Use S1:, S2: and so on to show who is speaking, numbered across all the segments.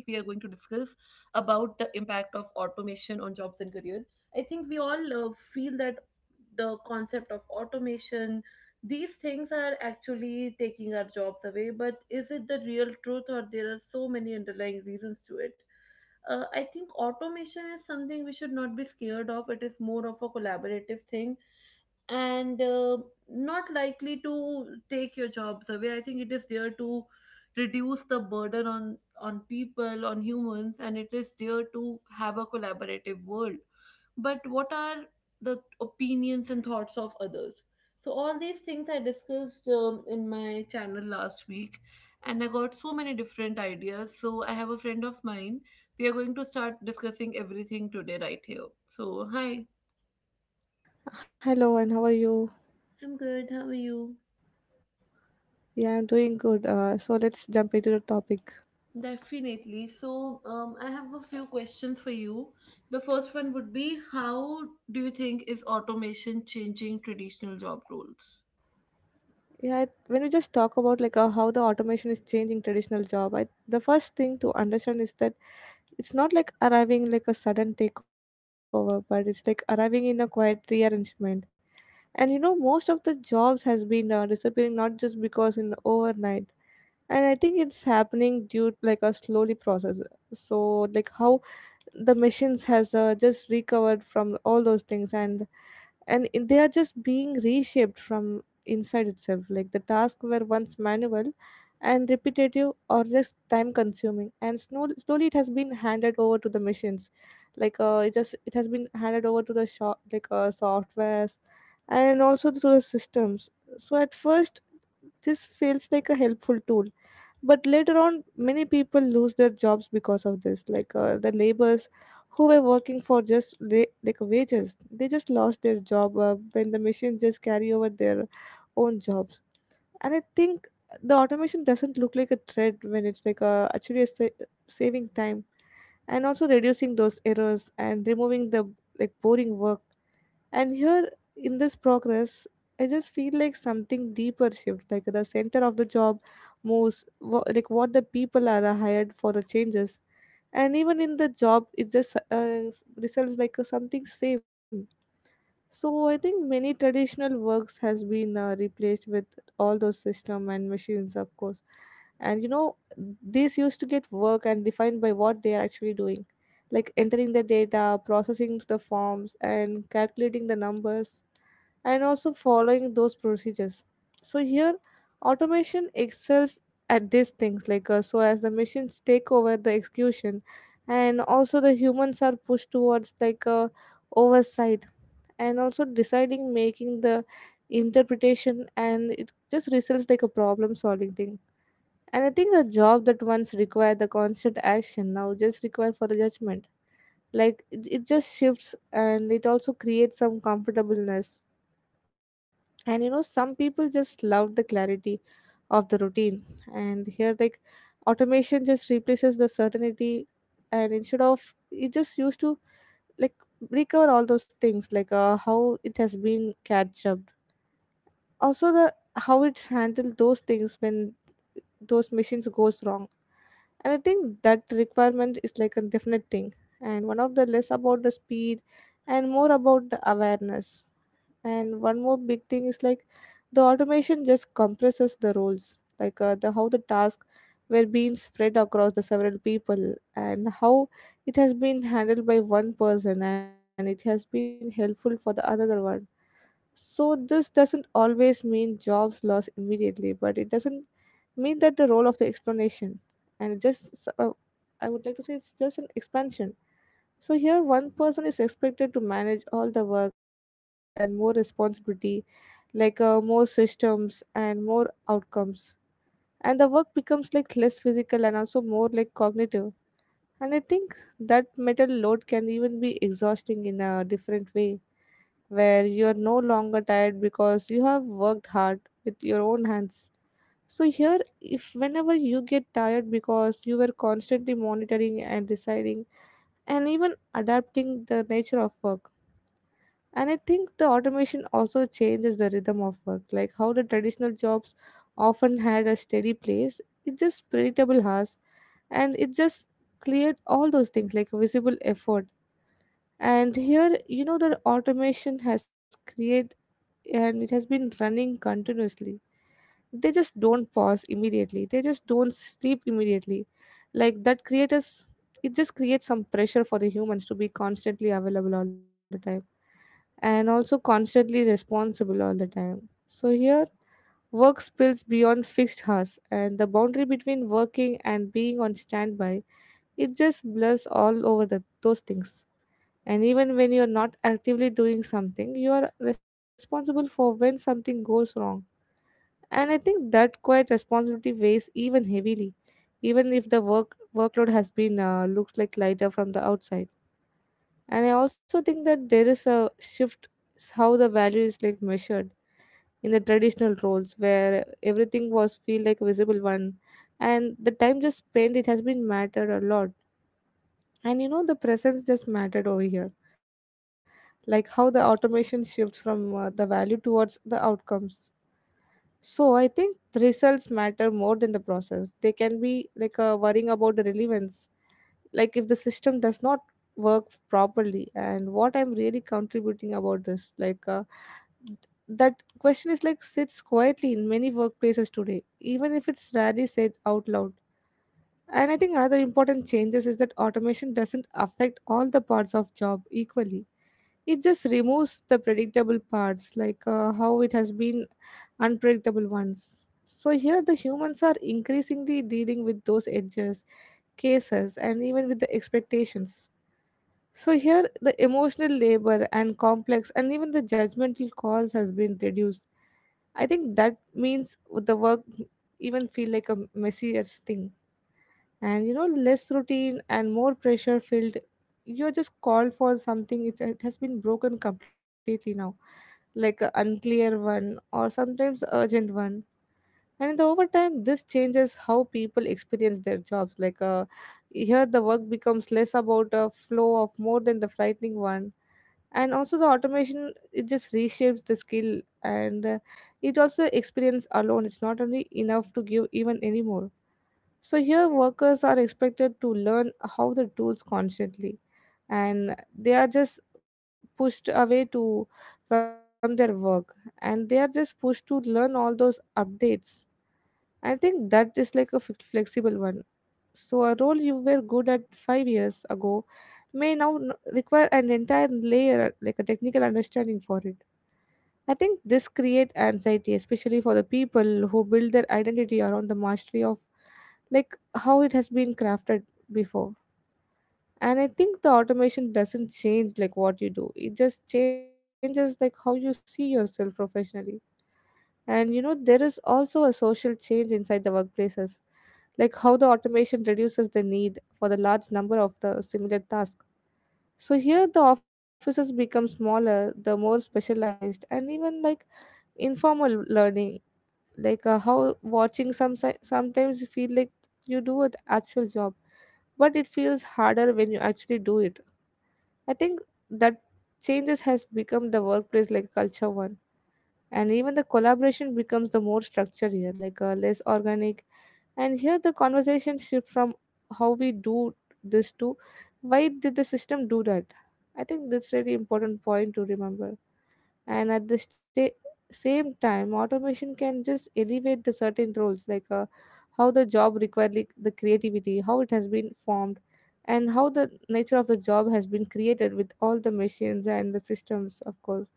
S1: about the impact of automation on jobs and career. I think we all feel that the concept of automation, these things are actually taking our jobs away, but is it the real truth or there are so many underlying reasons to it? I think automation is something we should not be scared of. It is more of a collaborative thing and not likely to take your jobs away. I think it is there to reduce the burden on people, on humans, and it is there to have a collaborative world. But what are the opinions and thoughts of others? So all these things I discussed in my channel last week, and I got so many different ideas. So I have a friend of mine, we are going to start discussing everything today right here. So hi.
S2: Hello, and how are you?
S1: I'm good, how are you?
S2: Yeah, I'm doing good. So let's jump into the topic.
S1: Definitely. So, I have a few questions for you. The first one would be, how do you think is automation changing traditional job roles?
S2: Yeah, when we just talk about like how the automation is changing traditional job, the first thing to understand is that it's not like arriving like a sudden takeover, but it's like arriving in a quiet rearrangement. And most of the jobs has been disappearing not just because in overnight, and I think it's happening due to like a slowly process. So like how the machines has just recovered from all those things, and they are just being reshaped from inside itself, like the tasks were once manual and repetitive or just time consuming, and slowly it has been handed over to the machines, like it just it has been handed over to the shop like softwares and also to the systems. So at first this feels like a helpful tool, but later on many people lose their jobs because of this, like the laborers who were working for just like wages, they just lost their job when the machines just carry over their own jobs. And I think the automation doesn't look like a threat when it's like actually saving time and also reducing those errors and removing the like boring work. And here in this progress, I just feel like something deeper shift, like the center of the job moves, like what the people are hired for the changes. And even in the job, it just results like something same. So I think many traditional works has been replaced with all those system and machines, of course. And these used to get work and defined by what they are actually doing, like entering the data, processing the forms, and calculating the numbers, and also following those procedures. So here, automation excels at these things, like so as the machines take over the execution, and also the humans are pushed towards like oversight and also deciding making the interpretation, and it just results like a problem solving thing. And I think a job that once required the constant action now just require for the judgment, like it just shifts, and it also creates some comfortableness. And some people just love the clarity of the routine, and here like automation just replaces the certainty. And instead of it just used to like recover all those things, like how it has been catch up, also the how it's handled those things when those machines goes wrong. And I think that requirement is like a definite thing, and one of the less about the speed and more about the awareness. And one more big thing is like the automation just compresses the roles, like the how the task were being spread across the several people, and how it has been handled by one person, and it has been helpful for the another one. So this doesn't always mean jobs lost immediately, but it doesn't mean that the role of the explanation. And it just I would like to say it's just an expansion. So here, one person is expected to manage all the work and more responsibility, like more systems and more outcomes. And the work becomes like less physical and also more like cognitive. And I think that mental load can even be exhausting in a different way, where you're no longer tired because you have worked hard with your own hands. So here if whenever you get tired because you were constantly monitoring and deciding and even adapting the nature of work. And I think the automation also changes the rhythm of work, like how the traditional jobs often had a steady place, it just predictable hours, and it just cleared all those things like visible effort. And here the automation has created and it has been running continuously. They just don't pause immediately, they just don't sleep immediately, like that creators, it just creates some pressure for the humans to be constantly available all the time and also constantly responsible all the time. So here work spills beyond fixed hours, and the boundary between working and being on standby, it just blurs all over those things. And even when you're not actively doing something, you are responsible for when something goes wrong. And I think that quiet responsibility weighs even heavily, even if the workload has been looks like lighter from the outside. And I also think that there is a shift, how the value is like measured in the traditional roles, where everything was feel like a visible one and the time just spent it has been mattered a lot. And the presence just mattered over here, like how the automation shifts from the value towards the outcomes. So I think the results matter more than the process. They can be like worrying about the relevance, like if the system does not work properly and what I'm really contributing about this, like that question is like sits quietly in many workplaces today, even if it's rarely said out loud. And I think another important changes is that automation doesn't affect all the parts of job equally. It just removes the predictable parts, like how it has been unpredictable ones. So here the humans are increasingly dealing with those edges, cases, and even with the expectations. So here the emotional labor and complex and even the judgmental calls has been reduced. I think that means the work even feel like a messier thing, and less routine and more pressure filled. You're just called for something, it has been broken completely now, like a unclear one or sometimes urgent one. And in the overtime this changes how people experience their jobs, like here the work becomes less about a flow of more than the frightening one. And also the automation it just reshapes the skill, and it also experience alone it's not only enough to give even anymore. So here workers are expected to learn how the tools constantly, and they are just pushed away to from their work, and they are just pushed to learn all those updates. I think that is like a flexible one. So a role you were good at 5 years ago may now require an entire layer like a technical understanding for it. I think this creates anxiety, especially for the people who build their identity around the mastery of, like how it has been crafted before. And I think the automation doesn't change like what you do, it just changes like how you see yourself professionally. And there is also a social change inside the workplaces, like how the automation reduces the need for the large number of the similar tasks. So here the offices become smaller, the more specialized, and even like informal learning, like how watching some sometimes you feel like you do an actual job, but it feels harder when you actually do it. I think that changes has become the workplace like culture one, and even the collaboration becomes the more structured here, like less organic. And here the conversation shift from how we do this to why did the system do that. I think that's really important point to remember. And at the same time automation can just elevate the certain roles, like how the job required, like the creativity how it has been formed and how the nature of the job has been created with all the machines and the systems, of course.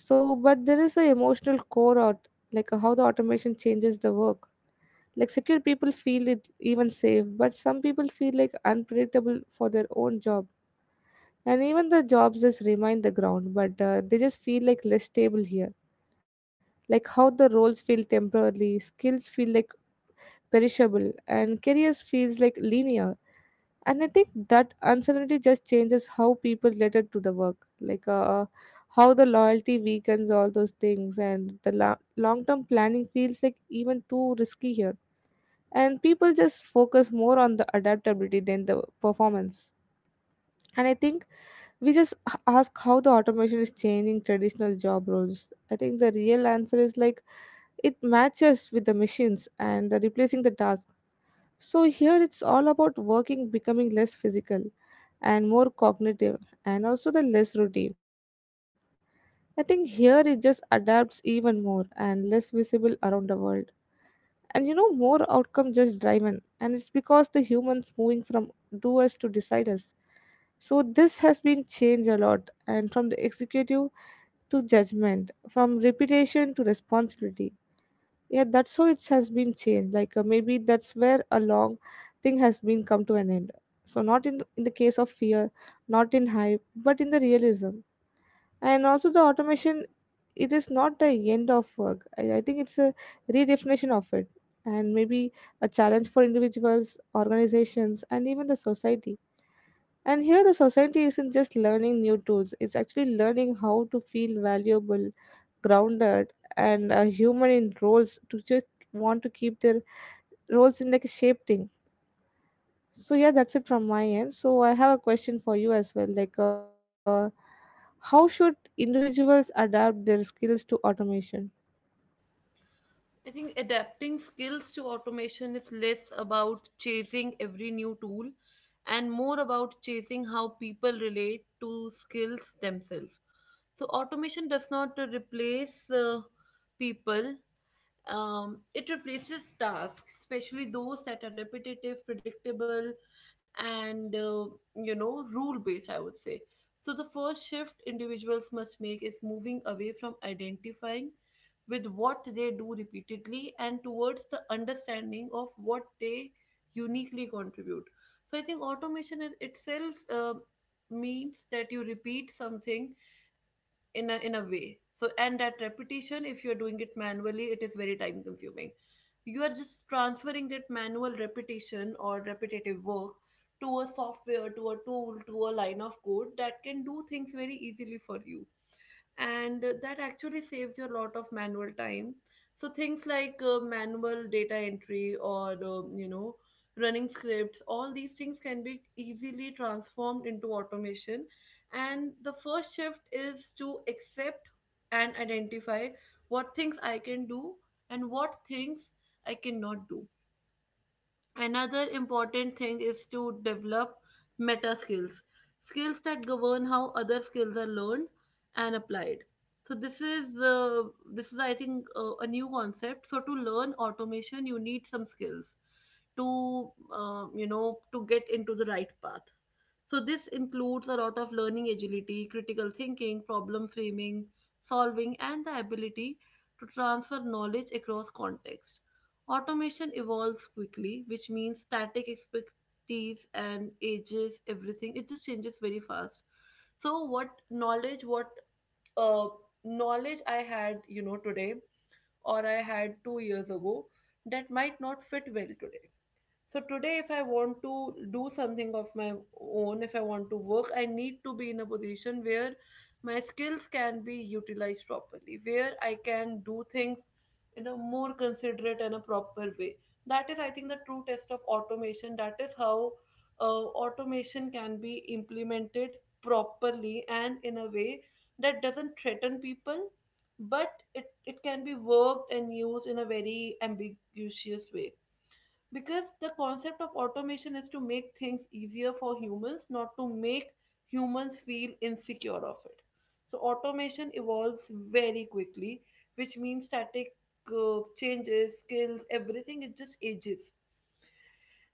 S2: So but there is a emotional core out, like how the automation changes the work, like secure people feel it even safe but some people feel like unpredictable for their own job. And even the jobs just remain the ground, but they just feel like less stable here, like how the roles feel temporary, skills feel like perishable, and careers feels like linear. And I think that uncertainty just changes how people related to the work, like how the loyalty weakens all those things and the long-term planning feels like even too risky here. And people just focus more on the adaptability than the performance. And I think we just ask how the automation is changing traditional job roles. I think the real answer is like it matches with the machines and replacing the task. So here it's all about working becoming less physical and more cognitive and also the less routine. I think here it just adapts even more and less visible around the world. And more outcome just driven. And it's because the humans moving from doers to deciders. So this has been changed a lot, and from the executive to judgment, from reputation to responsibility. Yeah, that's how it has been changed. Maybe that's where a long thing has been come to an end. So not in the case of fear, not in hype, but in the realism and also the automation, it is not the end of work. I think it's a redefinition of it, and maybe a challenge for individuals, organizations, and even the society. And here the society isn't just learning new tools, it's actually learning how to feel valuable, grounded, and a human in roles to just want to keep their roles in like a shape thing. So yeah, that's it from my end. So I have a question for you as well. How should individuals adapt their skills to automation?
S1: I think adapting skills to automation is less about chasing every new tool and more about chasing how people relate to skills themselves. So, automation does not replace people. It replaces tasks, especially those that are repetitive, predictable, and you know, rule based, I would say. So, the first shift individuals must make is moving away from identifying with what they do repeatedly and towards the understanding of what they uniquely contribute. So, I think automation is itself means that you repeat something in a way, so and that repetition, if you're doing it manually, it is very time consuming. You are just transferring that manual repetition or repetitive work to a software, to a tool, to a line of code that can do things very easily for you, and that actually saves you a lot of manual time. So things like manual data entry or you know, running scripts, all these things can be easily transformed into automation. And the first shift is to accept and identify what things I can do and what things I cannot do. Another important thing is to develop meta skills, skills that govern how other skills are learned and applied. So this is I think a new concept. So to learn automation, you need some skills to you know, to get into the right path. So this includes a lot of learning agility, critical thinking, problem framing, solving, and the ability to transfer knowledge across contexts. Automation evolves quickly, which means static expertise and ages, everything. It just changes very fast. So what uh, knowledge I had, you know, today or I had 2 years ago that might not fit well today. So today, if I want to do something of my own, if I want to work, I need to be in a position where my skills can be utilized properly, where I can do things in a more considerate and a proper way. That is, I think, the true test of automation. That is how automation can be implemented properly and in a way that doesn't threaten people, but it can be worked and used in a very ambiguous way, because the concept of automation is to make things easier for humans, not to make humans feel insecure of it. So automation evolves very quickly, which means static changes, skills, everything, it just ages.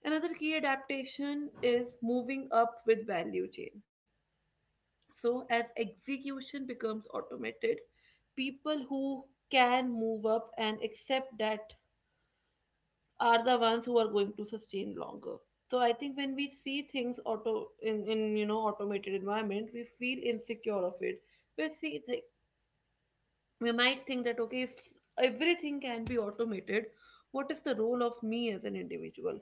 S1: Another key adaptation is moving up with value chain. So as execution becomes automated, people who can move up and accept that are the ones who are going to sustain longer. So I think when we see things in you know, automated environment, we feel insecure of it. We see th- we might think that okay, if everything can be automated, what is the role of me as an individual?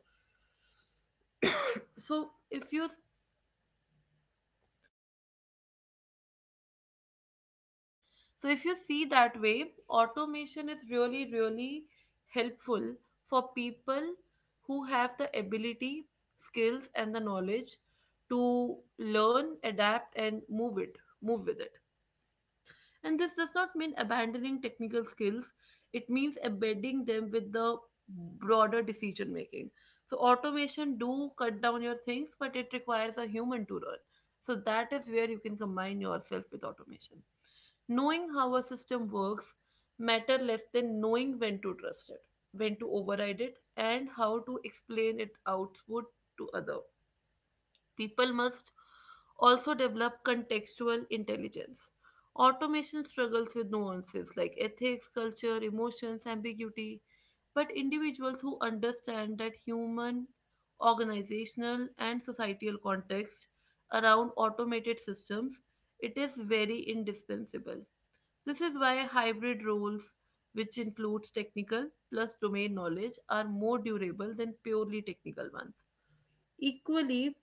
S1: So if you So if you see that way, automation is really, really helpful for people who have the ability, skills, and the knowledge to learn, adapt, and move with it. And this does not mean abandoning technical skills, it means embedding them with the broader decision making. So automation do cut down your things, but it requires a human to run. So that is where you can combine yourself with automation. Knowing how a system works matter less than knowing when to trust it, when to override it, and how to explain its output to other. People must also develop contextual intelligence. Automation struggles with nuances like ethics, culture, emotions, ambiguity, but individuals who understand that human, organizational, and societal context around automated systems, it is very indispensable. This is why hybrid roles, which includes technical plus domain knowledge, are more durable than purely technical ones. Equally,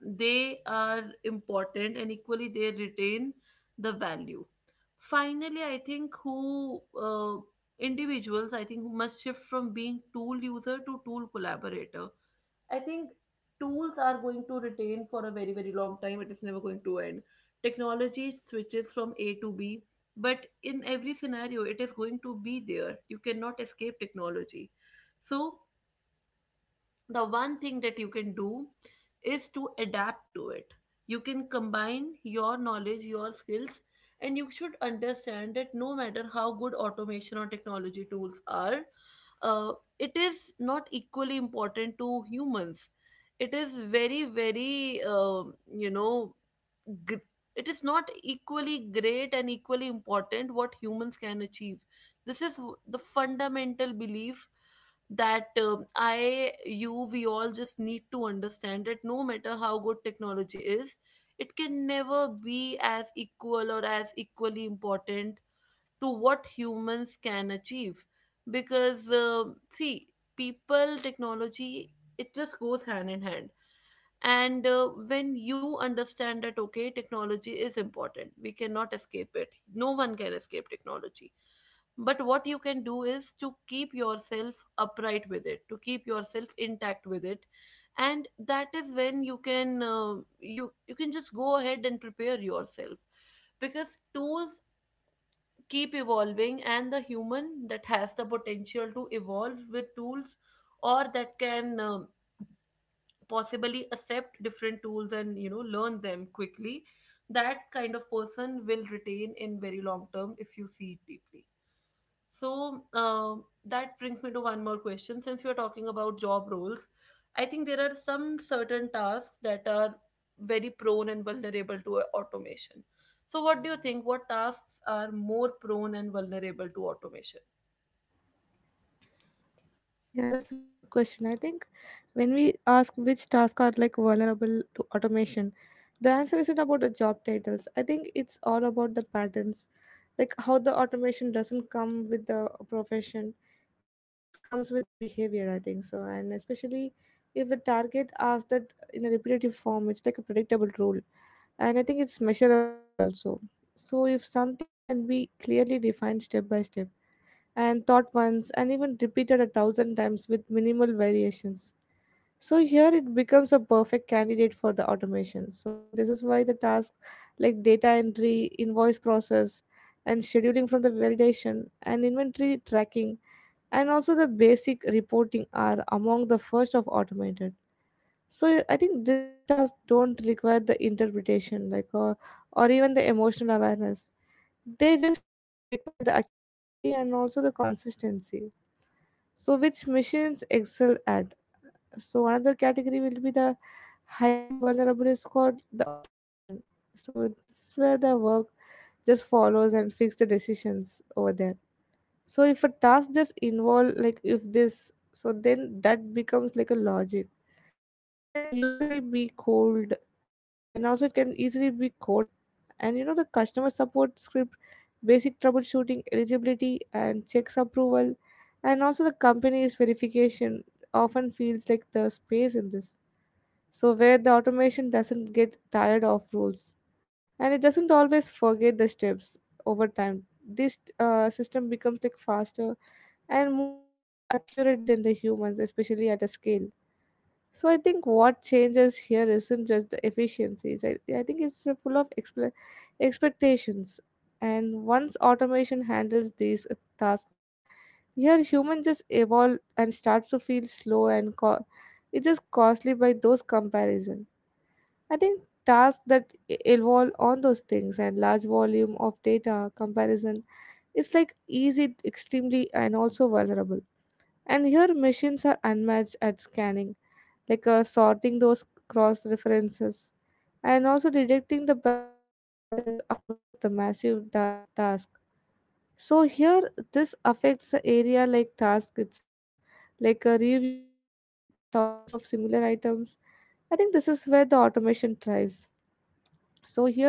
S1: they are important and equally they retain the value. Finally, I think who individuals I think who must shift from being tool user to tool collaborator. I think tools are going to retain for a very, very long time, it is never going to end. Technology switches from A to B, but in every scenario it is going to be there. You cannot escape technology. So the one thing that you can do is to adapt to it. You can combine your knowledge, your skills, and you should understand that no matter how good automation or technology tools are, uh, it is not equally important to humans. It is very, very you know, gr- it is not equally great and equally important what humans can achieve. The fundamental belief that I, you, we all just need to understand that no matter how good technology is, it can never be as equal or as equally important to what humans can achieve. Because, see, people, technology, it just goes hand in hand. And when you understand that okay, technology is important, we cannot escape it, no one can escape technology, but what you can do is to keep yourself upright with it, to keep yourself intact with it. And that is when you can you you can just go ahead and prepare yourself, because tools keep evolving, and the human that has the potential to evolve with tools, or that can possibly accept different tools and you know, learn them quickly, that kind of person will retain in very long term, if you see it deeply. So that brings me to one more question. Since we are talking about job roles, I think there are some certain tasks that are very prone and vulnerable to automation. So what do you think, what tasks are more prone and vulnerable to automation?
S2: Yeah, that's a really good question. I think when we ask which tasks are like vulnerable to automation, the answer isn't about the job titles. I think it's all about the patterns, like how the automation doesn't come with the profession. It just comes with the behavior, I think so. And especially if the target asks that in a repetitive form, it's like a predictable role, and I think it's measurable also. So, if something can be clearly defined step by step and thought once and even repeated a thousand times with minimal variations, so here it becomes a perfect candidate for the automation. So, I think this is why the tasks like data entry, invoice process, and scheduling from the validation and inventory tracking and also the basic reporting are among the first of automated. So I think these tasks don't require the interpretation, or even the emotional awareness. They just require the accuracy and also the consistency, so which machines excel at. So another category will be the highly vulnerable is called the automation. So this is where the work just follows and fix the decisions over there. So if a task just involve like if this so then that becomes like a logic, so it can usually be cold and also it can easily be coded. And you know the customer support script, basic troubleshooting, eligibility and checks approval, and also the company's verification often feels like the space in this. So where the automation doesn't get tired of rules, and it doesn't always forget the steps over time, this system becomes like faster and more accurate than the humans, especially at a scale. So I think what changes here isn't just the efficiencies. I think it's full of expectations. And once automation handles these tasks well, here humans just evolve and starts to feel slow and it's just costly by those comparison. I think tasks that evolve on those things and large volume of data comparison, it's like easy, extremely, and also vulnerable. And here machines are unmatched at scanning sorting those cross references and also detecting the patterns across the massive task. So here this affects the area like task itself, reviewing the thousands of similar items. I think this is where the automation thrives. So here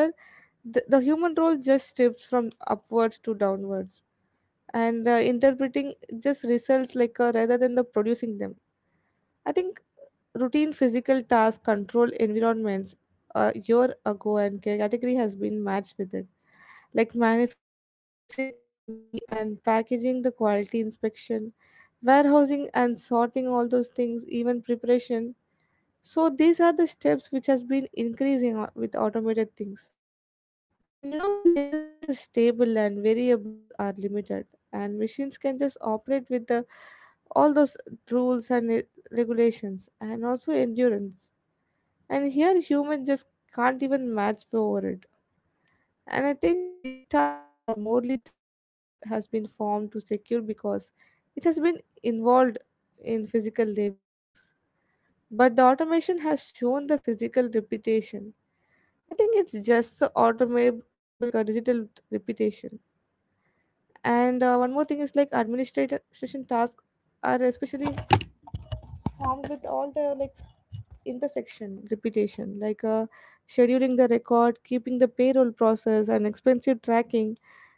S2: the human role just shifts from upwards to downwards and interpreting just results rather than the producing them. I think routine physical tasks control environments a year ago and category has been matched with it, like manufacturing assembly and packaging, the quality inspection, warehousing and sorting, all those things, even preparation. So these are the steps which has been increasing with automated things. And you know, when the environment is stable and variables are limited, and machines can just operate with the all those rules and regulations and also endurance, and here humans just can't even match for it. And I think these tasks are morely traditionally has been formed to secure because it has been involved in physical labor things, but the automation has shown the physical repetition. I think it's just a automatable like a digital repetition. And one more thing is like administration task are especially formed with all the like intersection repetition, scheduling, the record keeping, the payroll process, and expensive tracking,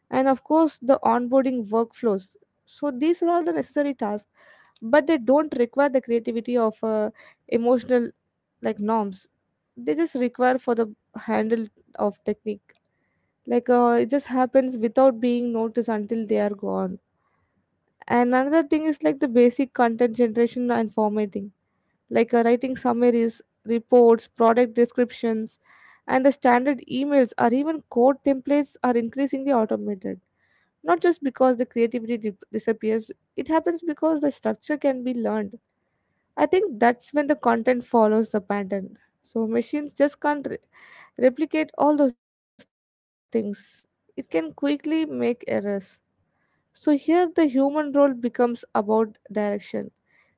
S2: and of course the onboarding workflows. So these are all the necessary tasks, but they don't require the creativity of emotional like norms. They just require for the handle of technique, it just happens without being noticed until they are gone. And another thing is like the basic content generation and formatting, writing summaries, reports, product descriptions, and the standard emails or even code templates are increasingly automated. Not just because the creativity disappears, it happens because the structure can be learned. I think that's when the content follows the pattern. So machines just can't replicate all those things. It can quickly make errors. So here the human role becomes about direction,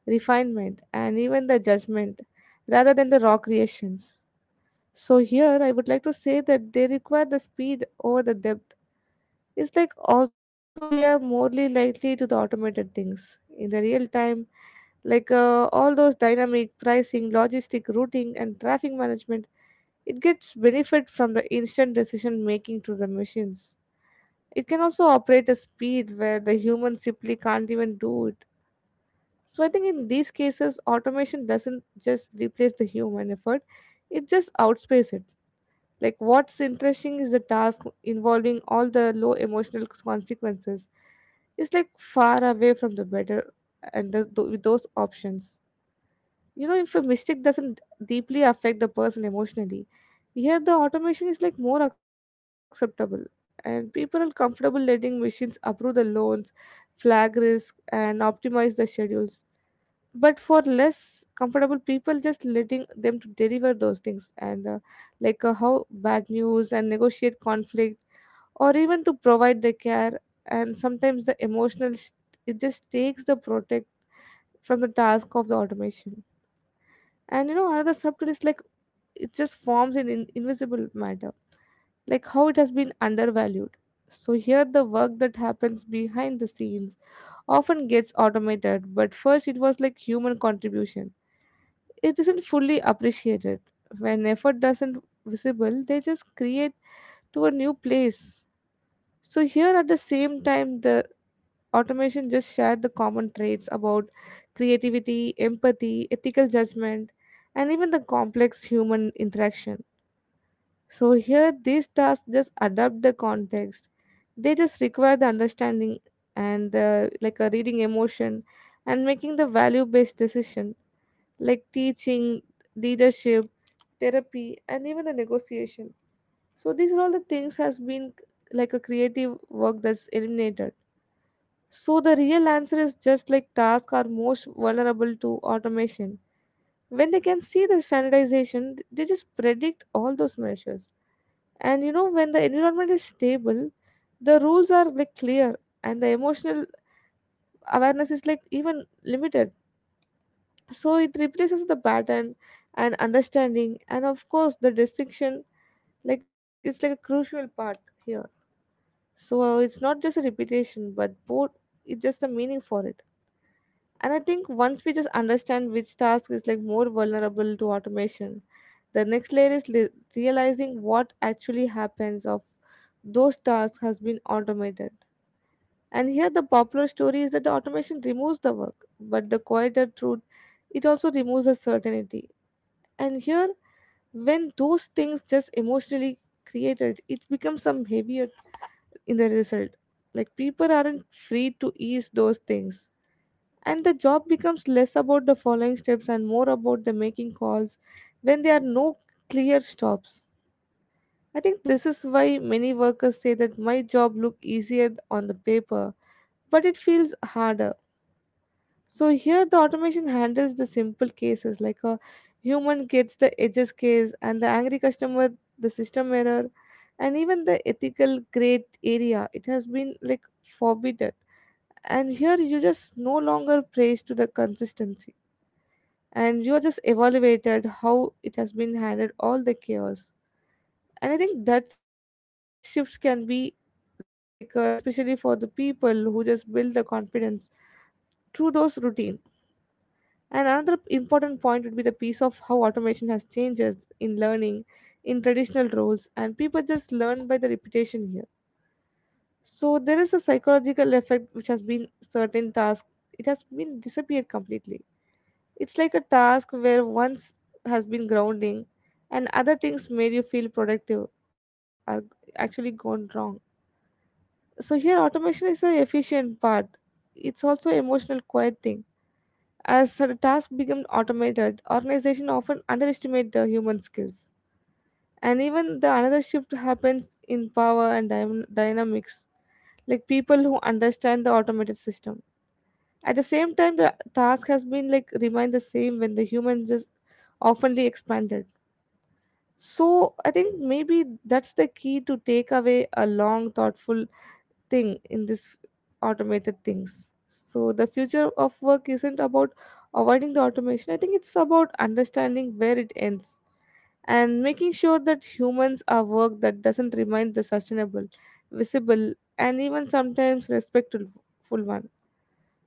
S2: refinement, and even the judgment rather than the raw creations. So here I would like to say that they require the speed over the depth. It's like also we are morely likely to the automated things in the real time, all those dynamic pricing, logistic routing, and traffic management. It gets benefit from the instant decision making to the machines. It can also operate at speed where the human simply can't even do it. So I think in these cases, automation doesn't just replace the human effort, it just outpaces it. Like what's interesting is the task involving all the low emotional consequences. It's like far away from the better and with those options. You know, if a mistake doesn't deeply affect the person emotionally, here the automation is like more acceptable, and people are comfortable letting machines approve the loans, flag risk, and optimize the schedules. But for less comfortable people just letting them to deliver those things and how bad news and negotiate conflict, or even to provide the care. And sometimes the emotional it just takes the protect from the task of the automation. And you know, another subtle is like it just forms in invisible matter, like how it has been undervalued. So here the work that happens behind the scenes often gets automated, but first it was like human contribution, it isn't fully appreciated. When effort doesn't visible, they just create to a new place. So here at the same time, the automation just shared the common traits about creativity, empathy, ethical judgment, and even the complex human interaction. So here these tasks just adapt the context. They just require the understanding and the, like a reading emotion and making the value based decision, like teaching, leadership, therapy, and even the negotiation. So these are all the things has been like a creative work that's eliminated. So the real answer is just like tasks are most vulnerable to automation when they can see the standardization, they just predict all those measures. And you know, when the environment is stable, the rules are like clear, and the emotional awareness is like even limited. So it replaces the pattern and understanding and of course the distinction, like it's like a crucial part here. So it's not just a repetition but both, it's just the meaning for it. And I think once we just understand which task is like more vulnerable to automation, the next layer is realizing what actually happens of those tasks has been automated. And here the popular story is that the automation removes the work, but the quieter truth, it also removes the certainty. And here when those things just emotionally created, it becomes some heavier in the result. Like people aren't free to ease those things. And the job becomes less about the following steps and more about the making calls when there are no clear stops. I think this is why many workers say that my job look easier on the paper, but it feels harder. So here the automation handles the simple cases, like a human gets the edges case and the angry customer, the system error, and even the ethical grade area it has been like forbidden. And here you just no longer praise to the consistency, and you are just evaluated how it has been handled all the chaos. And I think that shifts can be like especially for the people who just build the confidence through those routine. And another important point would be the piece of how automation has changes in learning in traditional roles, and people just learn by the repetition here. So there is a psychological effect which has been certain task, it has been disappeared completely. It's like a task where once has been grounding and other things made you feel productive are actually gone wrong. So here automation is the efficient part. It's also emotional quiet thing. As the task become automated, organization often underestimate the human skills. And even the another shift happens in power and dynamics, like people who understand the automated system. At the same time, the task has been like remained the same when the humans just oftenly expanded. So I think maybe that's the key to take away a long, thoughtful thing in this automated things. So the future of work isn't about avoiding the automation. I think it's about understanding where it ends and making sure that humans are work that doesn't remain the sustainable, visible, and even sometimes respectful one.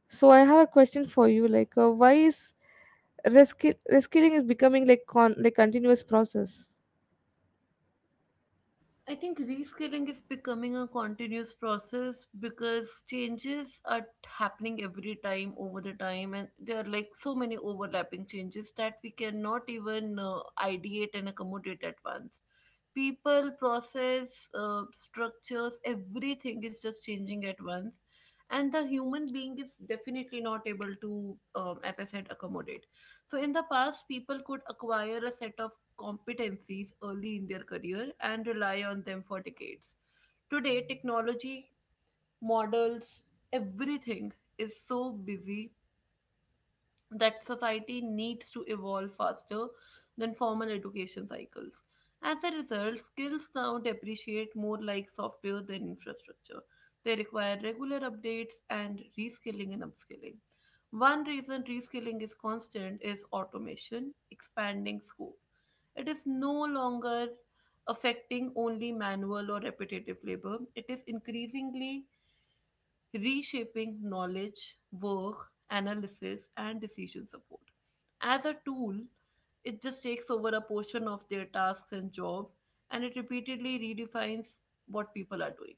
S2: So I have a question for you, like why is reskilling is becoming like continuous process?
S1: I think reskilling is becoming a continuous process because changes are happening every time over the time, and there are like so many overlapping changes that we cannot even ideate and accommodate at once. People, process, structures, everything is just changing at once, and the human being is definitely not able to, as I said, accommodate. So, in the past, people could acquire a set of competencies early in their career and rely on them for decades. Today, technology, models, everything is so busy that society needs to evolve faster than formal education cycles. As a result, skills now depreciate more like software than infrastructure. They require regular updates and reskilling and upskilling. One reason reskilling is constant is automation, expanding scope. It is no longer affecting only manual or repetitive labor, it is increasingly reshaping knowledge, work, analysis, and decision support. As a tool, it just takes over a portion of their tasks and job, and it repeatedly redefines what people are doing.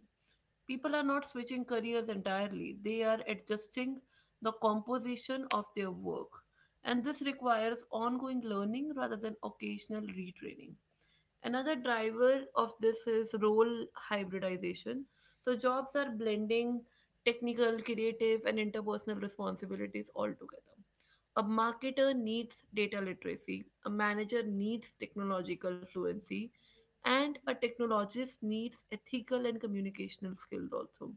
S1: People are not switching careers entirely, they are adjusting the composition of their work. And this requires ongoing learning rather than occasional retraining. Another driver of this is role hybridization. So jobs are blending technical, creative, and interpersonal responsibilities all together. A marketer needs data literacy, a manager needs technological fluency, and a technologist needs ethical and communicational skills also.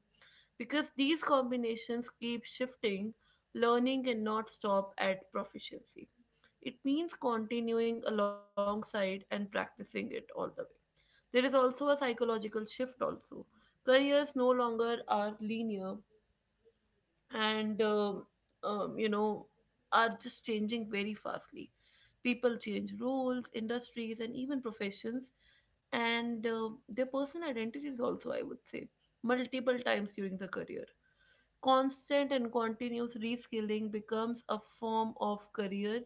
S1: Because these combinations keep shifting, learning cannot stop at proficiency. It means continuing alongside and practicing it all the way. There is also a psychological shift also. Careers no longer are linear and you know, are just changing very fastly. People change roles, industries, and even professions, and their personal identities also, I would say, multiple times during the career. Constant and continuous reskilling becomes a form of career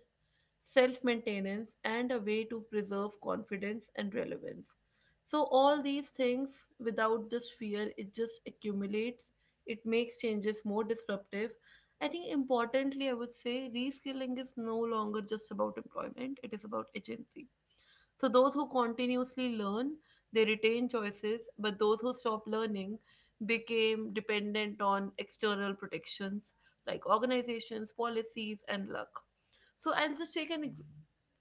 S1: self maintenance, and a way to preserve confidence and relevance. So, all these things without just fear, it just accumulates, it makes changes more disruptive. I think importantly, I would say reskilling is no longer just about employment, it is about agency. So those who continuously learn, they retain choices, but those who stop learning became dependent on external protections like organizations, policies, and luck. So I'll just take an ex-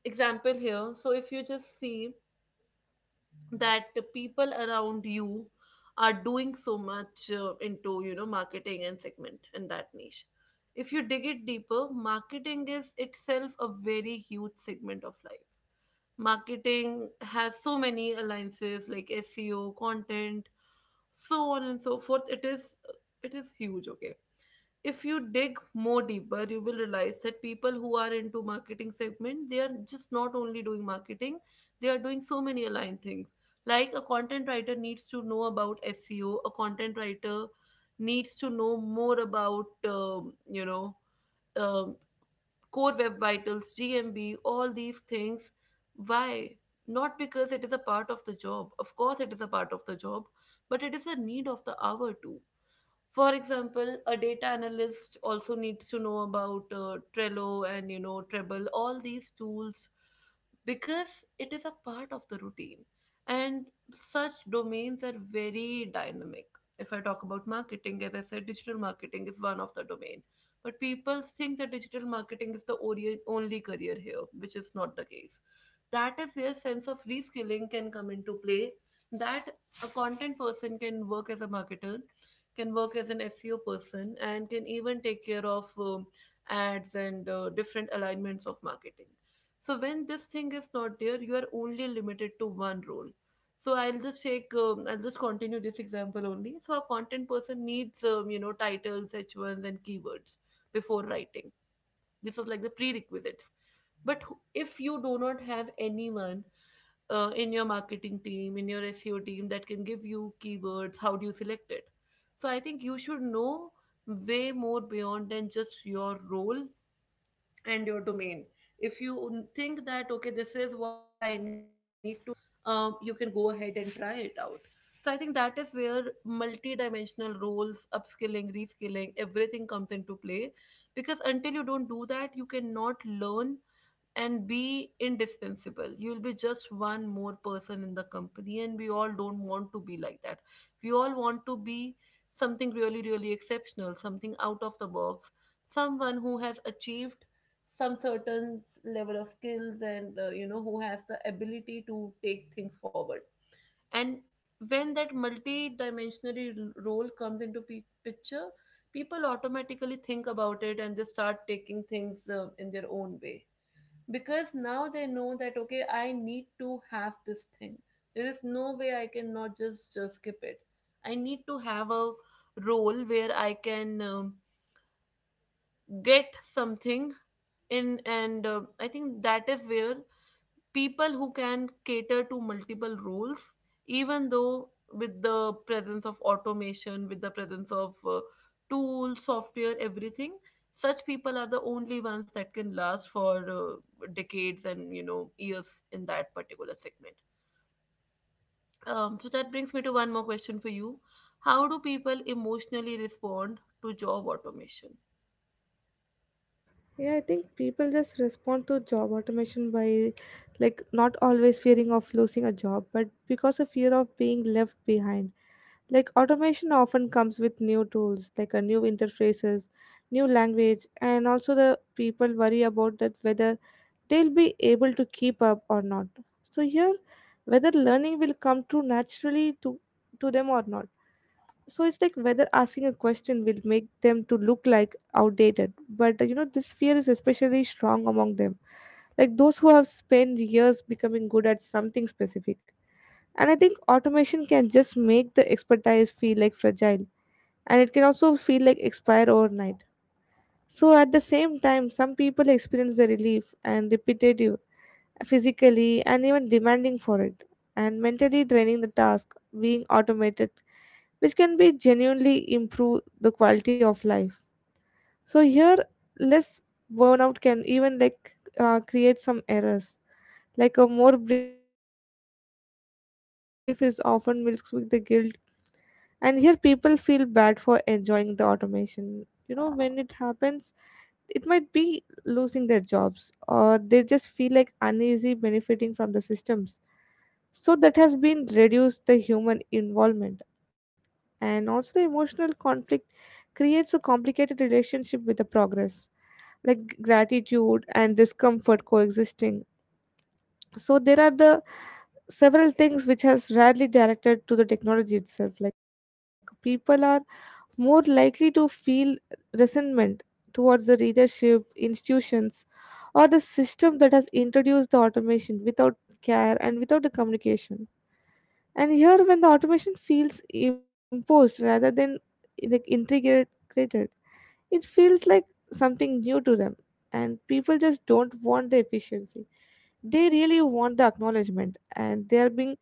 S1: example here. So if you just see that the people around you are doing so much into marketing and segment and that niche. If you dig it deeper, marketing is itself a very huge segment of life. Marketing has so many alliances like SEO, content, so on and so forth. It is huge. Okay, if you dig more deeper you will realize that people who are into marketing segment, they are just not only doing marketing, they are doing so many aligned things, like a content writer needs to know about seo, a content writer needs to know more about you know um, core web vitals, gmb, all these things. Why? Not because it is a part of the job. Of course it is a part of the job, but it is a need of the hour too. For example, a data analyst also needs to know about Trello and Treble, all these tools, because it is a part of the routine. And such domains are very dynamic. If I talk about marketing, as I said, digital marketing is one of the domain. But people think that digital marketing is the only career here, which is not the case. That is where sense of reskilling can come into play. That a content person can work as a marketer, can work as an SEO person, and can even take care of ads and different alignments of marketing. So when this thing is not there, you are only limited to one role. So I'll just continue this example only. So a content person needs, titles, H1s, and keywords before writing. This was like the prerequisites. If you do not have anyone in your marketing team, in your SEO team that can give you keywords, how do you select it? So I think you should know way more beyond than just your role and your domain. If you think that, okay, this is what I need to know, you can go ahead and try it out. So I think that is where multi-dimensional roles, upskilling, reskilling, everything comes into play. Because until you don't do that, you cannot learn and be indispensable. You'll be just one more person in the company, and we all don't want to be like that. We all want to be something really, really exceptional, something out of the box, someone who has achieved some certain level of skills and who has the ability to take things forward. And when that multi-dimensional role comes into picture, people automatically think about it and they start taking things in their own way, because now they know that, okay, I need to have this thing. There is no way I can not just skip it. I need to have a role where I can get something in. And I think that is where people who can cater to multiple roles, even though with the presence of automation, with the presence of tools, software, everything, such people are the only ones that can last for decades and years in that particular segment. So that brings me to one more question for you. How do people emotionally respond to job automation?
S2: Yeah, I think people just respond to job automation by like not always fearing of losing a job, but because of fear of being left behind. Like automation often comes with new tools, like a new interfaces, new language, and also the people worry about that whether they'll be able to keep up or not. So here, whether learning will come true naturally to them or not. So it's like whether asking a question will make them to look like outdated. But you know, this fear is especially strong among them, like those who have spent years becoming good at something specific. And I think automation can just make the expertise feel like fragile, and it can also feel like expire overnight. So at the same time, some people experience the relief and repetitive physically and even demanding for it, and mentally draining the task being automated, which can be genuinely improve the quality of life. So here less burnout can even like create some errors, like a more breathing room, and it can even feel relief is often mixed with the guilt. And here people feel bad for enjoying the automation, you know, when it happens, it might be losing their jobs, or they just feel like uneasy benefiting from the systems. So that has been reduced the human involvement, and also the emotional conflict creates a complicated relationship with the progress, like gratitude and discomfort coexisting. So there are the several things which has rarely directed to the technology itself, like people are more likely to feel resentment towards the readership institutions or the system that has introduced the automation without care and without the communication. And here when the automation feels imposed rather than like integrated, it feels like something new to them, and people just don't want the efficiency. They really want the acknowledgement, and they are being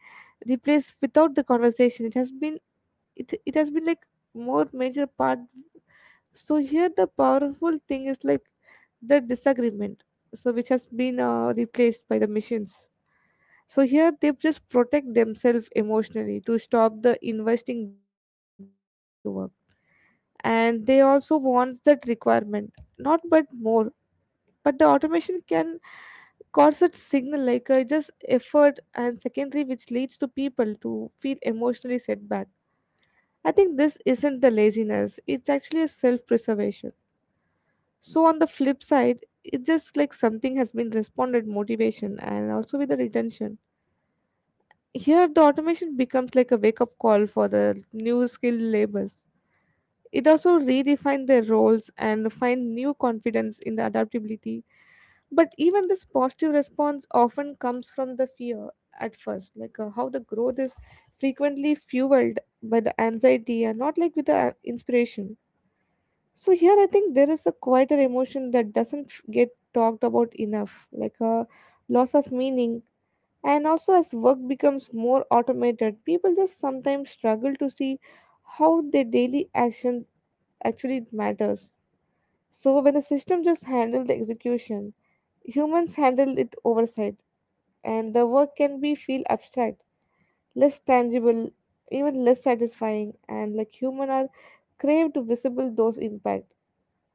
S2: replaced without the conversation. It has been it has been like more major part. So here the powerful thing is like the disagreement, so which has been replaced by the machines. So here they just protect themselves emotionally to stop the investing deeply into work, and they also want that requirement, not but more, but the automation can cause a signal like just effort and secondary, which leads to people to feel emotionally setback. I think this isn't the laziness, it's actually a self preservation. So on the flip side, it's just like something has been responded motivation and also with the retention. Here the automation becomes like a wake up call for the new skilled labors. It also redefine their roles and find new confidence in the adaptability. But even this positive response often comes from the fear at first, like how the growth is frequently fueled by the anxiety and not like with the inspiration. So here I think there is a quieter emotion that doesn't get talked about enough, like a loss of meaning. And also as work becomes more automated, people just sometimes struggle to see how their daily actions actually matters. So when the system just handles the execution, humans handle it oversight, and the work can be feel abstract, less tangible, even less satisfying, and like human are crave to visible those impact.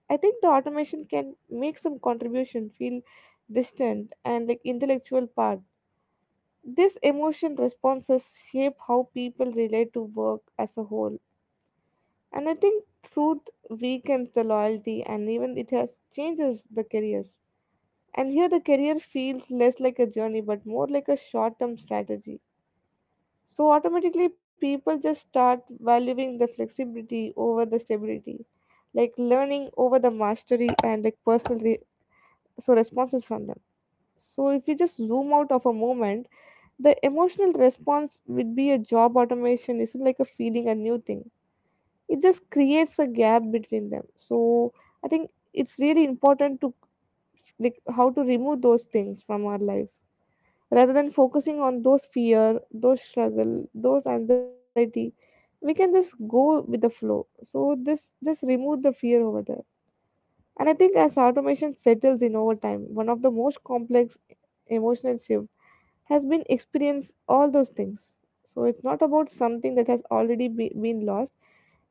S2: I think the automation can make some contribution feel distant and like intellectual part. This emotion responses shape how people relate to work as a whole. And I think truth weakens the loyalty and even it has changes the careers. And here the career feels less like a journey but more like a short term strategy. So automatically people just start valuing the flexibility over the stability, like learning over the mastery and like so responses from them. So if we just zoom out of a moment, the emotional response would be a job automation isn't like a feeling a new thing. It just creates a gap between them. So I think it's really important to like how to remove those things from our life, rather than focusing on those fear, those struggle, those anxiety. We can just go with the flow, so this just remove the fear over there. And I think as automation settles in over time, one of the most complex emotional shift has been experienced all those things. So it's not about something that has already been lost,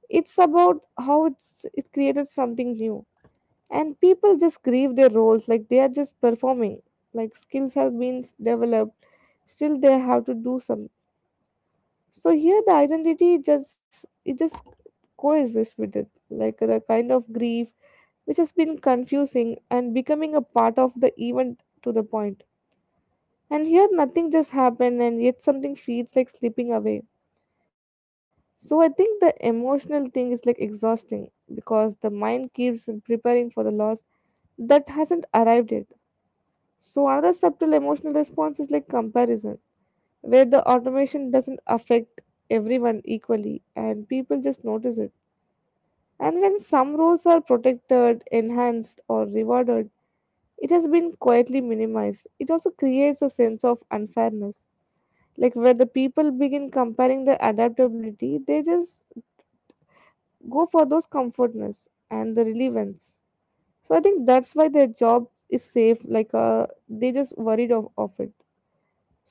S2: it's about how it created something new. And people just grieve their roles, like they are just performing, like skills have been developed, still they have to do some. So here the identity just it just coexists with it, like the kind of grief which has been confusing and becoming a part of the event to the point. And here nothing just happened and yet something feels like slipping away. So I think the emotional thing is like exhausting because the mind keeps preparing for the loss that hasn't arrived yet. So another subtle emotional response is like comparison, where the automation doesn't affect everyone equally and people just notice it. And when some roles are protected, enhanced, or rewarded, it has been quietly minimized. It also creates a sense of unfairness. Like where the people begin comparing their adaptability, they just go for those comfortness and the relevance. So I think that's why their job is safe, like they just worried of it.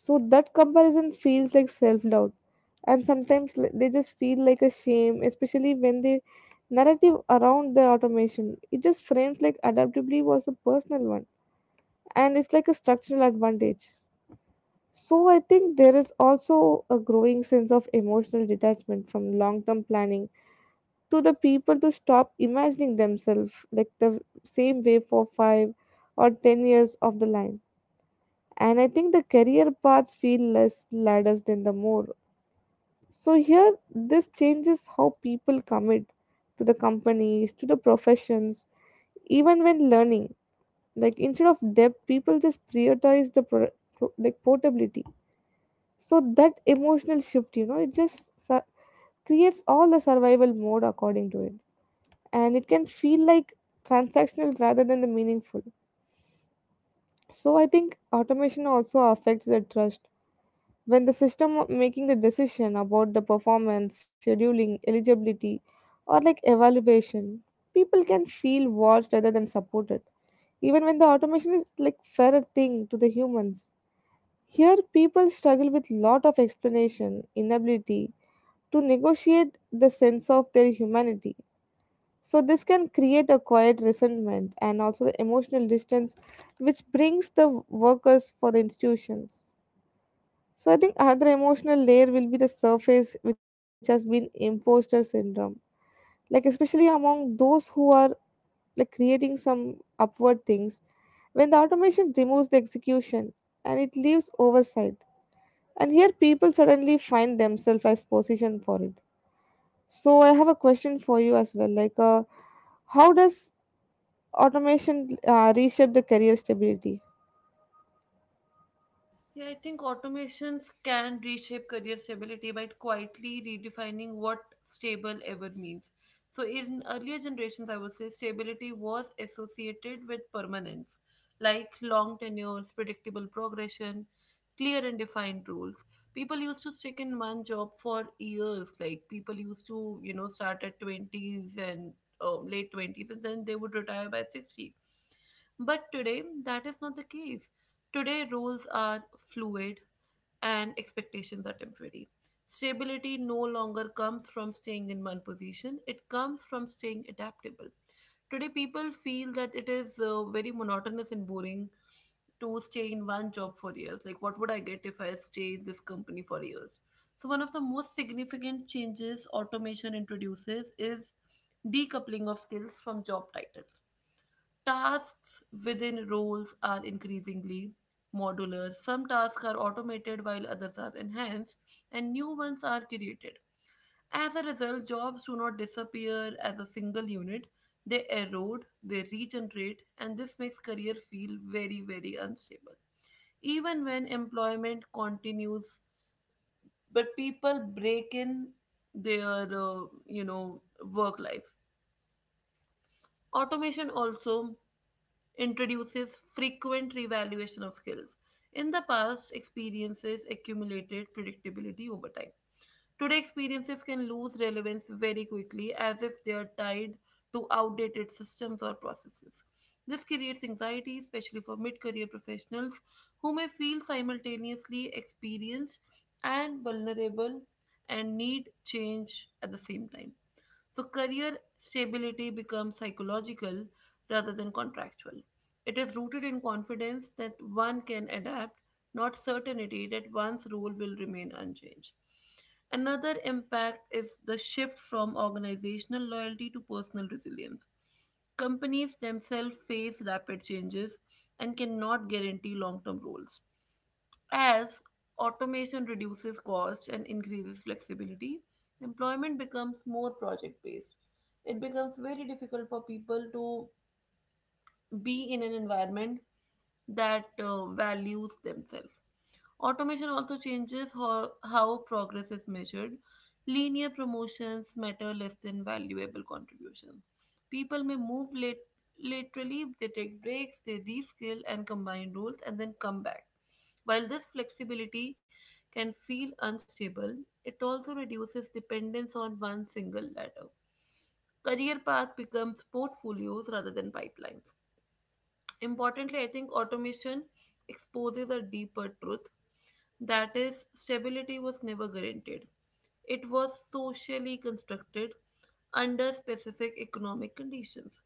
S2: So that comparison feels like self doubt, and sometimes they just feel like a shame, especially when the narrative around the automation it just frames like adaptability was a personal one, and it's like a structural advantage. So I think there is also a growing sense of emotional detachment from long-term planning to the people to stop imagining themselves like the same way for 5 or 10 years of the line. And I think the career paths feel less ladders than the more. So here, this changes how people commit to the companies, to the professions, even when learning. Like instead of depth, people just prioritize the like portability. So that emotional shift, you know, it just creates all the survival mode according to it, and it can feel like transactional rather than the meaningful. So I think automation also affects the trust when the system of making the decision about the performance scheduling eligibility or like evaluation, people can feel watched rather than supported, even when the automation is like fairer thing to the humans. Here people struggle with lot of explanation inability to negotiate the sense of their humanity. So this can create a quiet resentment and also the emotional distance which brings the workers for the institutions. So I think another emotional layer will be the surface which has been imposter syndrome. Like especially among those who are like creating some upward things when the automation removes the execution and it leaves oversight. And here people suddenly find themselves as position for it. So I have a question for you as well. Like how does automation reshape the career stability?
S1: Yeah, I think automations can reshape career stability by quietly redefining what stable ever means. So, in earlier generations, I would say stability was associated with permanence, like long tenures, predictable progression, clear and defined rules. People used to stick in one job for years, like people used to, start at 20s and late 20s, and then they would retire by 60. But today, that is not the case. Today, rules are fluid and expectations are temporary. Stability no longer comes from staying in one position, it comes from staying adaptable. Today, people feel that it is very monotonous and boring to stay in one job for years. Like, what would I get if I stay in this company for years? So, one of the most significant changes automation introduces is decoupling of skills from job titles. Tasks within roles are increasingly modular. Some tasks are automated while others are enhanced, and new ones are created. As a result, jobs do not disappear as a single unit. They erode, they regenerate, and this makes career feel very, very unstable. Even when employment continues, but people break in their, work life. Automation also introduces frequent revaluation of skills. In the past, experiences accumulated predictability over time. Today, experiences can lose relevance very quickly as if they are tied to outdated systems or processes. This creates anxiety, especially for mid career professionals who may feel simultaneously experienced and vulnerable and need change at the same time. So, career stability becomes psychological rather than contractual. It is rooted in confidence that one can adapt, not certainty that one's role will remain unchanged. Another impact is the shift from organizational loyalty to personal resilience. Companies themselves face rapid changes and cannot guarantee long term roles. As automation reduces costs and increases flexibility, employment becomes more project based. It becomes very difficult for people to be in an environment that values themselves. Automation also changes how progress is measured. Linear promotions matter less than valuable contributions. People may laterally, they take breaks, they reskill and combine roles and then come back. While this flexibility can feel unstable, it also reduces dependence on one single ladder. Career path becomes portfolios rather than pipelines. Importantly, I think automation exposes a deeper truth, that is, stability was never guaranteed. It was socially constructed under specific economic conditions.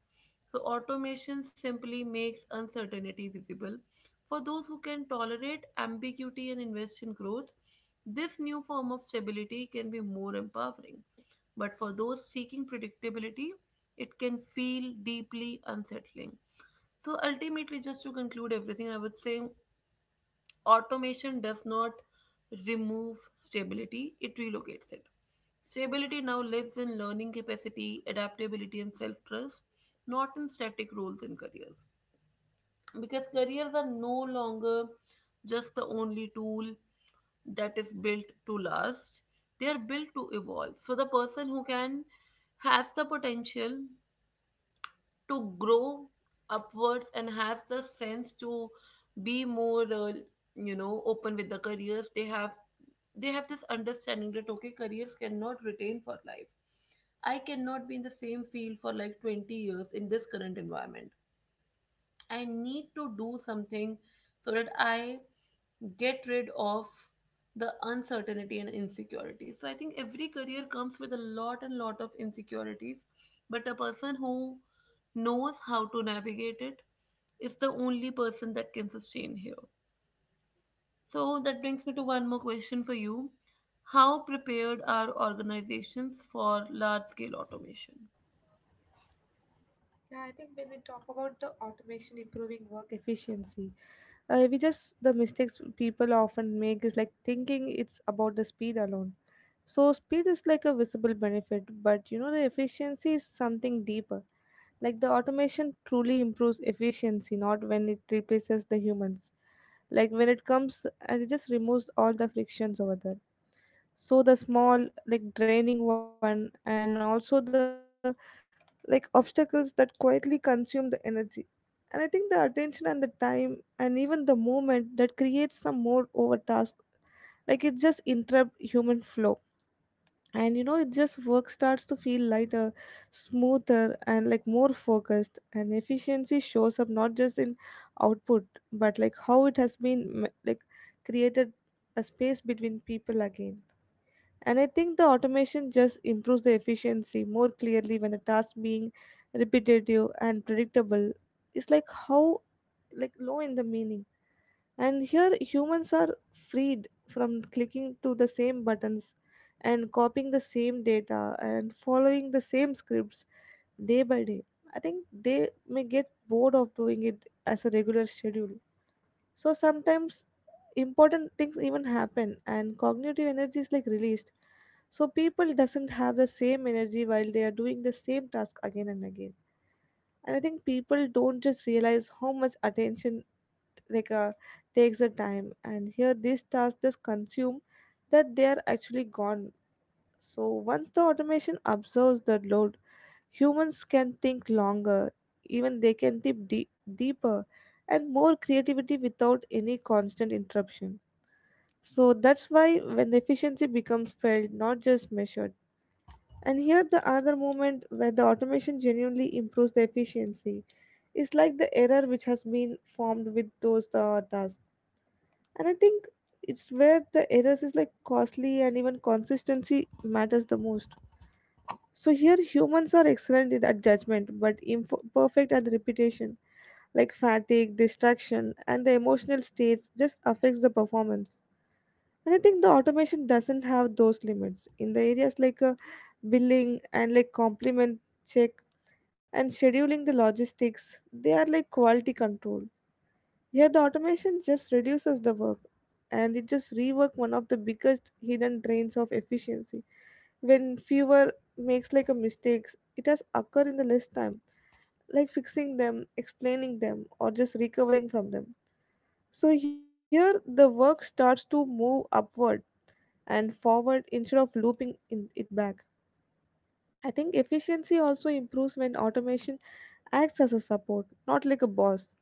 S1: So, automation simply makes uncertainty visible. For those who can tolerate ambiguity and invest in growth, this new form of stability can be more empowering. But for those seeking predictability, it can feel deeply unsettling. So ultimately, just to conclude everything, I would say automation does not remove stability, it relocates it. Stability now lives in learning capacity, adaptability, and self trust, not in static roles and careers. Because careers are no longer just the only tool that is built to last, they are built to evolve. So the person who can has the potential to grow upwards and has the sense to be more open with the careers they have, they have this understanding that, okay, careers cannot retain for life. I cannot be in the same field for like 20 years in this current environment. I need to do something so that I get rid of the uncertainty and insecurity. So I think every career comes with a lot and lot of insecurities, but a person who knows how to navigate it is the only person that can sustain here. So that brings me to one more question for you. How prepared are organizations for large scale automation?
S2: Yeah, I think when we talk about the automation improving work efficiency, we just the mistakes people often make is like thinking it's about the speed alone. So speed is like a visible benefit, but you know the efficiency is something deeper. Like the automation truly improves efficiency, not when it replaces the humans. Like when it comes and it just removes all the frictions over there, so the small like draining one and also the like obstacles that quietly consume the energy. And I think the attention and the time and even the movement that creates some more over task, like it just interrupt human flow, and you know it just work starts to feel lighter, smoother, and like more focused. And efficiency shows up not just in output, but like how it has been like created a space between people again. And I think the automation just improves the efficiency more clearly when the task being repetitive and predictable is like how like low in the meaning. And here humans are freed from clicking to the same buttons and copying the same data and following the same scripts day by day. I think they may get bored of doing it as a regular schedule. So sometimes important things even happen and cognitive energy is like released. So people doesn't have the same energy while they are doing the same task again and again. And I think people don't just realize how much attention like uh, takes the time and here these tasks just consume that they are actually gone. So once the automation absorbs the load, humans can think longer, even they can think deep, deeper and more creativity without any constant interruption. So that's why when the efficiency becomes felt, not just measured. And here the another moment where the automation genuinely improves the efficiency is like the error which has been formed with those tasks. And I think it's where the errors is like costly and even consistency matters the most. So here humans are excellent at judgment but imperfect at repetition. Like fatigue, distraction, and the emotional states just affects the performance. And I think the automation doesn't have those limits in the areas like billing and like complement check and scheduling the logistics. They are like quality control. Here the automation just reduces the work and it just rework one of the biggest hidden drains of efficiency when fewer makes like a mistakes it has occurred in the less time, like fixing them, explaining them, or just recovering from them. So here the work starts to move upward and forward instead of looping in it back. I think efficiency also improves when automation acts as a support, not like a boss.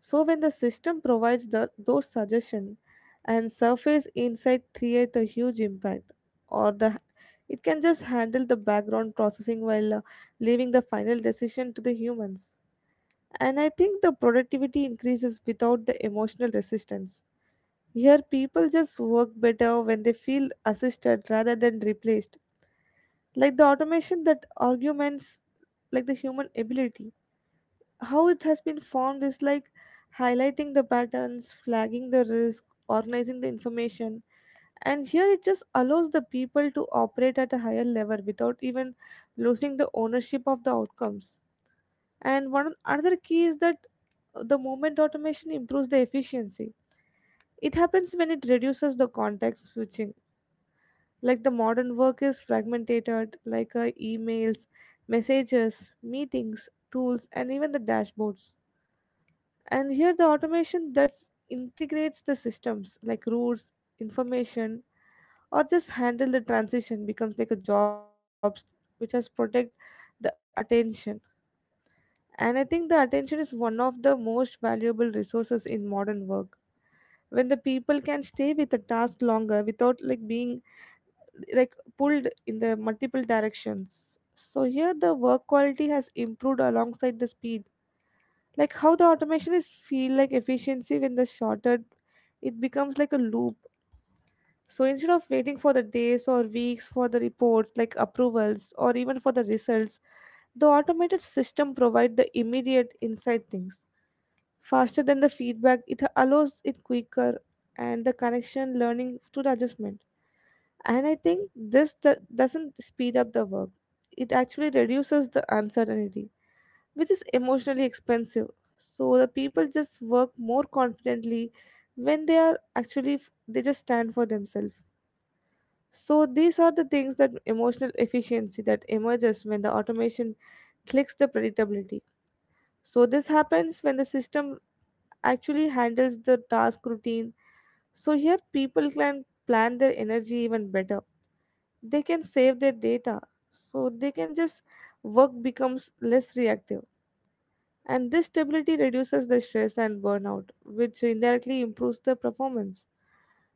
S2: So when the system provides the, those suggestions and surface insight create a huge impact or the it can just handle the background processing while leaving the final decision to the humans. And I think the productivity increases without the emotional resistance. Here people just work better when they feel assisted rather than replaced. Like the automation that arguments like the human ability, how it has been formed is like highlighting the patterns, flagging the risk, organizing the information. And here it just allows the people to operate at a higher level without even losing the ownership of the outcomes. And one another key is that the moment automation improves the efficiency. It happens when it reduces the context switching. Like the modern work is fragmented, like emails, messages, meetings, tools, and even the dashboards. And here the automation that integrates the systems like routes information or just handle the transition becomes like a job, which has protect the attention. And I think the attention is one of the most valuable resources in modern work when the people can stay with the task longer without like being like pulled in the multiple directions. So here the work quality has improved alongside the speed, like how the automation is feel like efficiency when the shorter it becomes like a loop. So instead of waiting for the days or weeks for the reports like approvals or even for the results, the automated system provide the immediate inside things faster than the feedback it allows it quicker and the connection learning to the adjustment. And I think this doesn't speed up the work, it actually reduces the uncertainty, which is emotionally expensive. So the people just work more confidently when they are actually they just stand for themselves. So these are the things that emotional efficiency that emerges when the automation clicks the predictability. So this happens when the system actually handles the task routine. So here people can plan their energy even better. They can save their data. So they can just work becomes less reactive. And this stability reduces the stress and burnout, which indirectly improves the performance.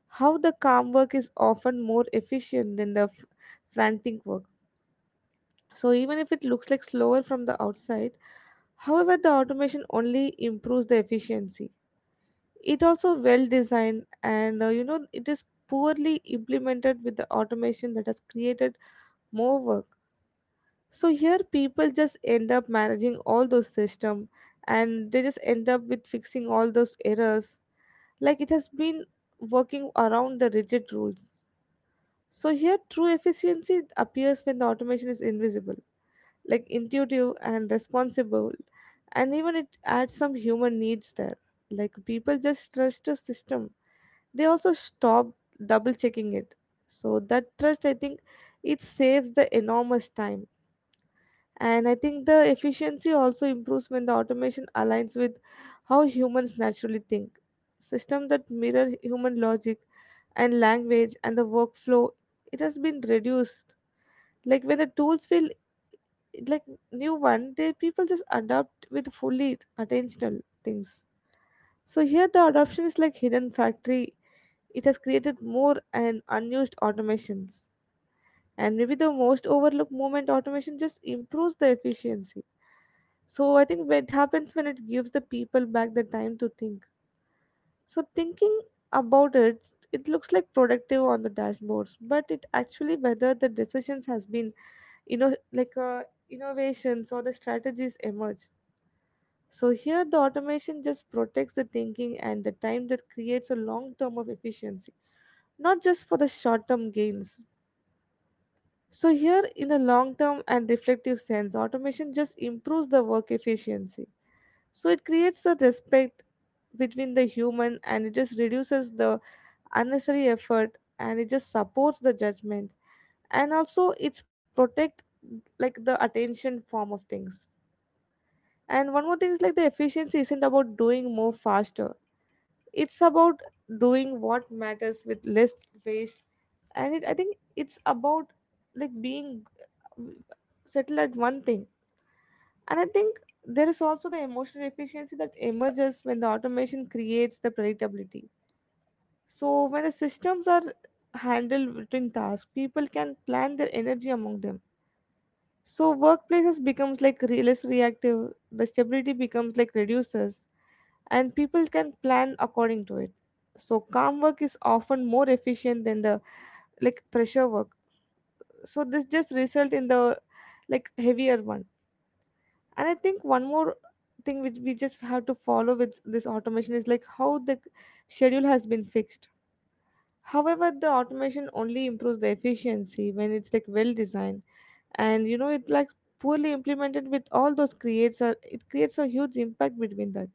S2: How the calm work is often more efficient than the frantic work. So, even if it looks like slower from the outside, however, the automation only improves the efficiency. It also well designed and it is poorly implemented with the automation that has created more work. So here people just end up managing all those system and they just end up with fixing all those errors, like it has been working around the rigid rules. So here true efficiency appears when the automation is invisible, like intuitive and responsible and even it adds some human needs there. Like people just trust the system. They also stop double checking it. So that trust, I think, it saves the enormous time. And I think the efficiency also improves when the automation aligns with how humans naturally think, system that mirror human logic and language and the workflow it has been reduced. Like when the tools feel like new one they people just adopt with fully attentional things. So here the adoption is like hidden factory, it has created more and unused automations. And maybe the most overlooked moment automation just improves the efficiency. So I think it happens when it gives the people back the time to think. So thinking about it, it looks like productive on the dashboards, but it actually whether the decisions has been you know like uh, innovations or the strategies emerge. So here the automation just protects the thinking and the time that creates a long term of efficiency, not just for the short term gains. So, here in a long term and reflective sense, automation just improves the work efficiency. So it creates a respect between the human and it just reduces the unnecessary effort and it just supports the judgment and also it's protect like the attention form of things. And one more thing is like the efficiency isn't about doing more faster. It's about doing what matters with less waste. And it, I think it's about like being settled at one thing. And I think there is also the emotional efficiency that emerges when the automation creates the predictability. So, when the systems are handled between tasks, people can plan their energy among them. So, workplaces becomes like less reactive, the stability becomes like reduces, and people can plan according to it. So, calm work is often more efficient than the like pressure work. So, this just result in the like heavier one. And I think one more thing which we just have to follow with this automation is like how the schedule has been fixed. However, the automation only improves the efficiency when it's like well designed, and it like poorly implemented with all those creates a it creates a huge impact between that.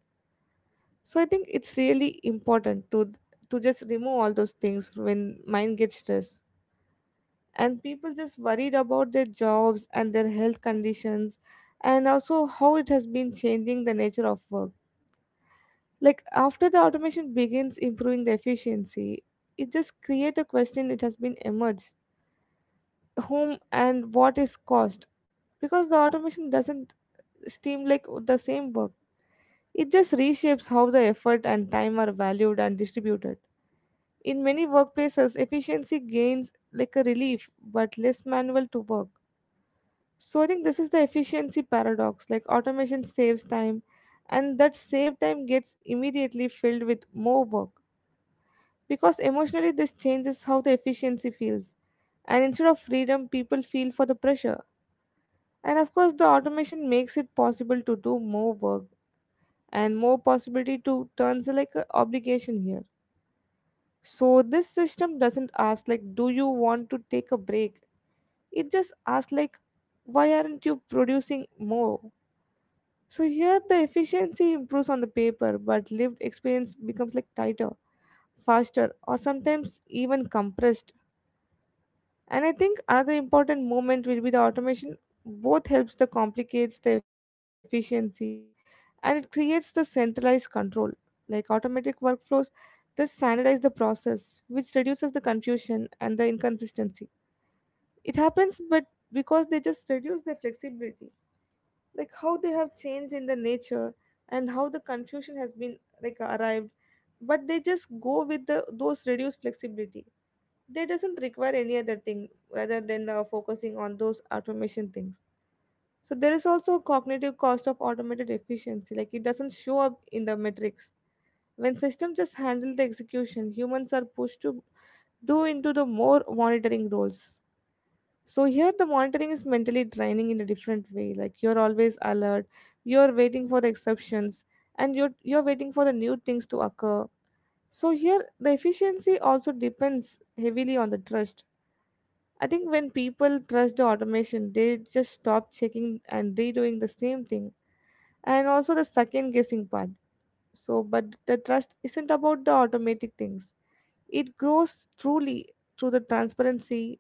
S2: So I think it's really important to just remove all those things when mind gets stressed and people just worried about their jobs and their health conditions and also how it has been changing the nature of work. Like after the automation begins improving the efficiency, it just create a question it has been emerged, whom and what is cost. Because the automation doesn't seem like the same work, it just reshapes how the effort and time are valued and distributed in many workplaces efficiency gains like a relief but less manual to work. So I think this is the efficiency paradox. Like automation saves time, and that saved time gets immediately filled with more work. Because emotionally, this changes how the efficiency feels. And instead of freedom, people feel for the pressure. And of course, the automation makes it possible to do more work and more possibility to turns like an obligation here. So this system doesn't ask like, do you want to take a break? It just asks like, why aren't you producing more? So here the efficiency improves on the paper, but lived experience becomes like tighter, faster, or sometimes even compressed. And I think another important moment will be the automation. Both helps the complicates the efficiency and it creates the centralized control. Like automatic workflows, this standardize the process, which reduces the confusion and the inconsistency. It happens but because they just reduce the flexibility. Like how they have changed in the nature and how the confusion has been like arrived, but they just go with the those reduced flexibility. They doesn't require any other thing rather than focusing on those automation things. So there is also a cognitive cost of automated efficiency, like it doesn't show up in the metrics when systems just handle the execution, humans are pushed to do into the more monitoring roles. So here the monitoring is mentally draining in a different way. Like you're always alert, you're waiting for the exceptions, and you're waiting for the new things to occur. So here the efficiency also depends heavily on the trust. I think when people trust the automation, they just stop checking and redoing the same thing. And also the second guessing part. So but the trust isn't about the automatic things, it grows truly through the transparency,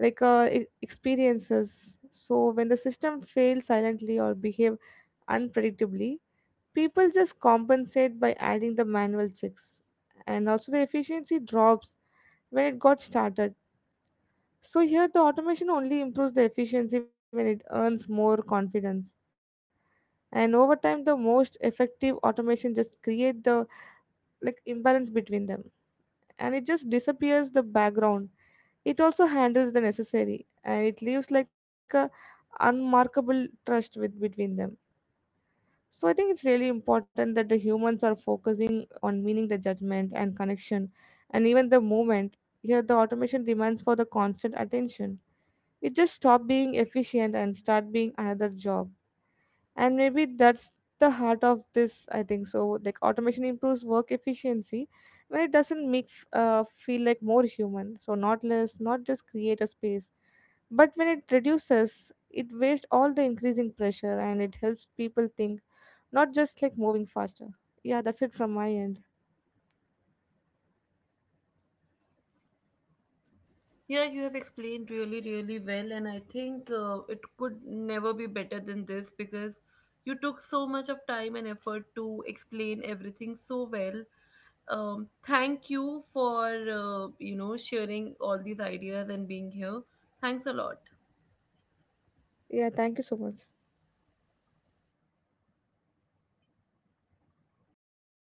S2: like experiences. So when the system fails silently or behave unpredictably, people just compensate by adding the manual checks, and also the efficiency drops when it got started. So here the automation only improves the efficiency when it earns more confidence. And over time the most effective automation just create the like imbalance between them, and it just disappears the background. It also handles the necessary and it leaves like a unmarkable trust with between them. So I think it's really important that the humans are focusing on meaning the judgment and connection and even the movement. Here the automation demands for the constant attention. It just stop being efficient and start being another job. And maybe that's the heart of this, I think. So like automation improves work efficiency when it doesn't make feel like more human. So not less, not just create a space, but when it reduces, it wastes all the increasing pressure and it helps people think, not just like moving faster. Yeah, that's it from my end.
S1: Yeah, you have explained really, really well, and I think it could never be better than this because you took so much of time and effort to explain everything so well. Thank you for sharing all these ideas and being here. Thanks a lot.
S2: Yeah, thank you so much.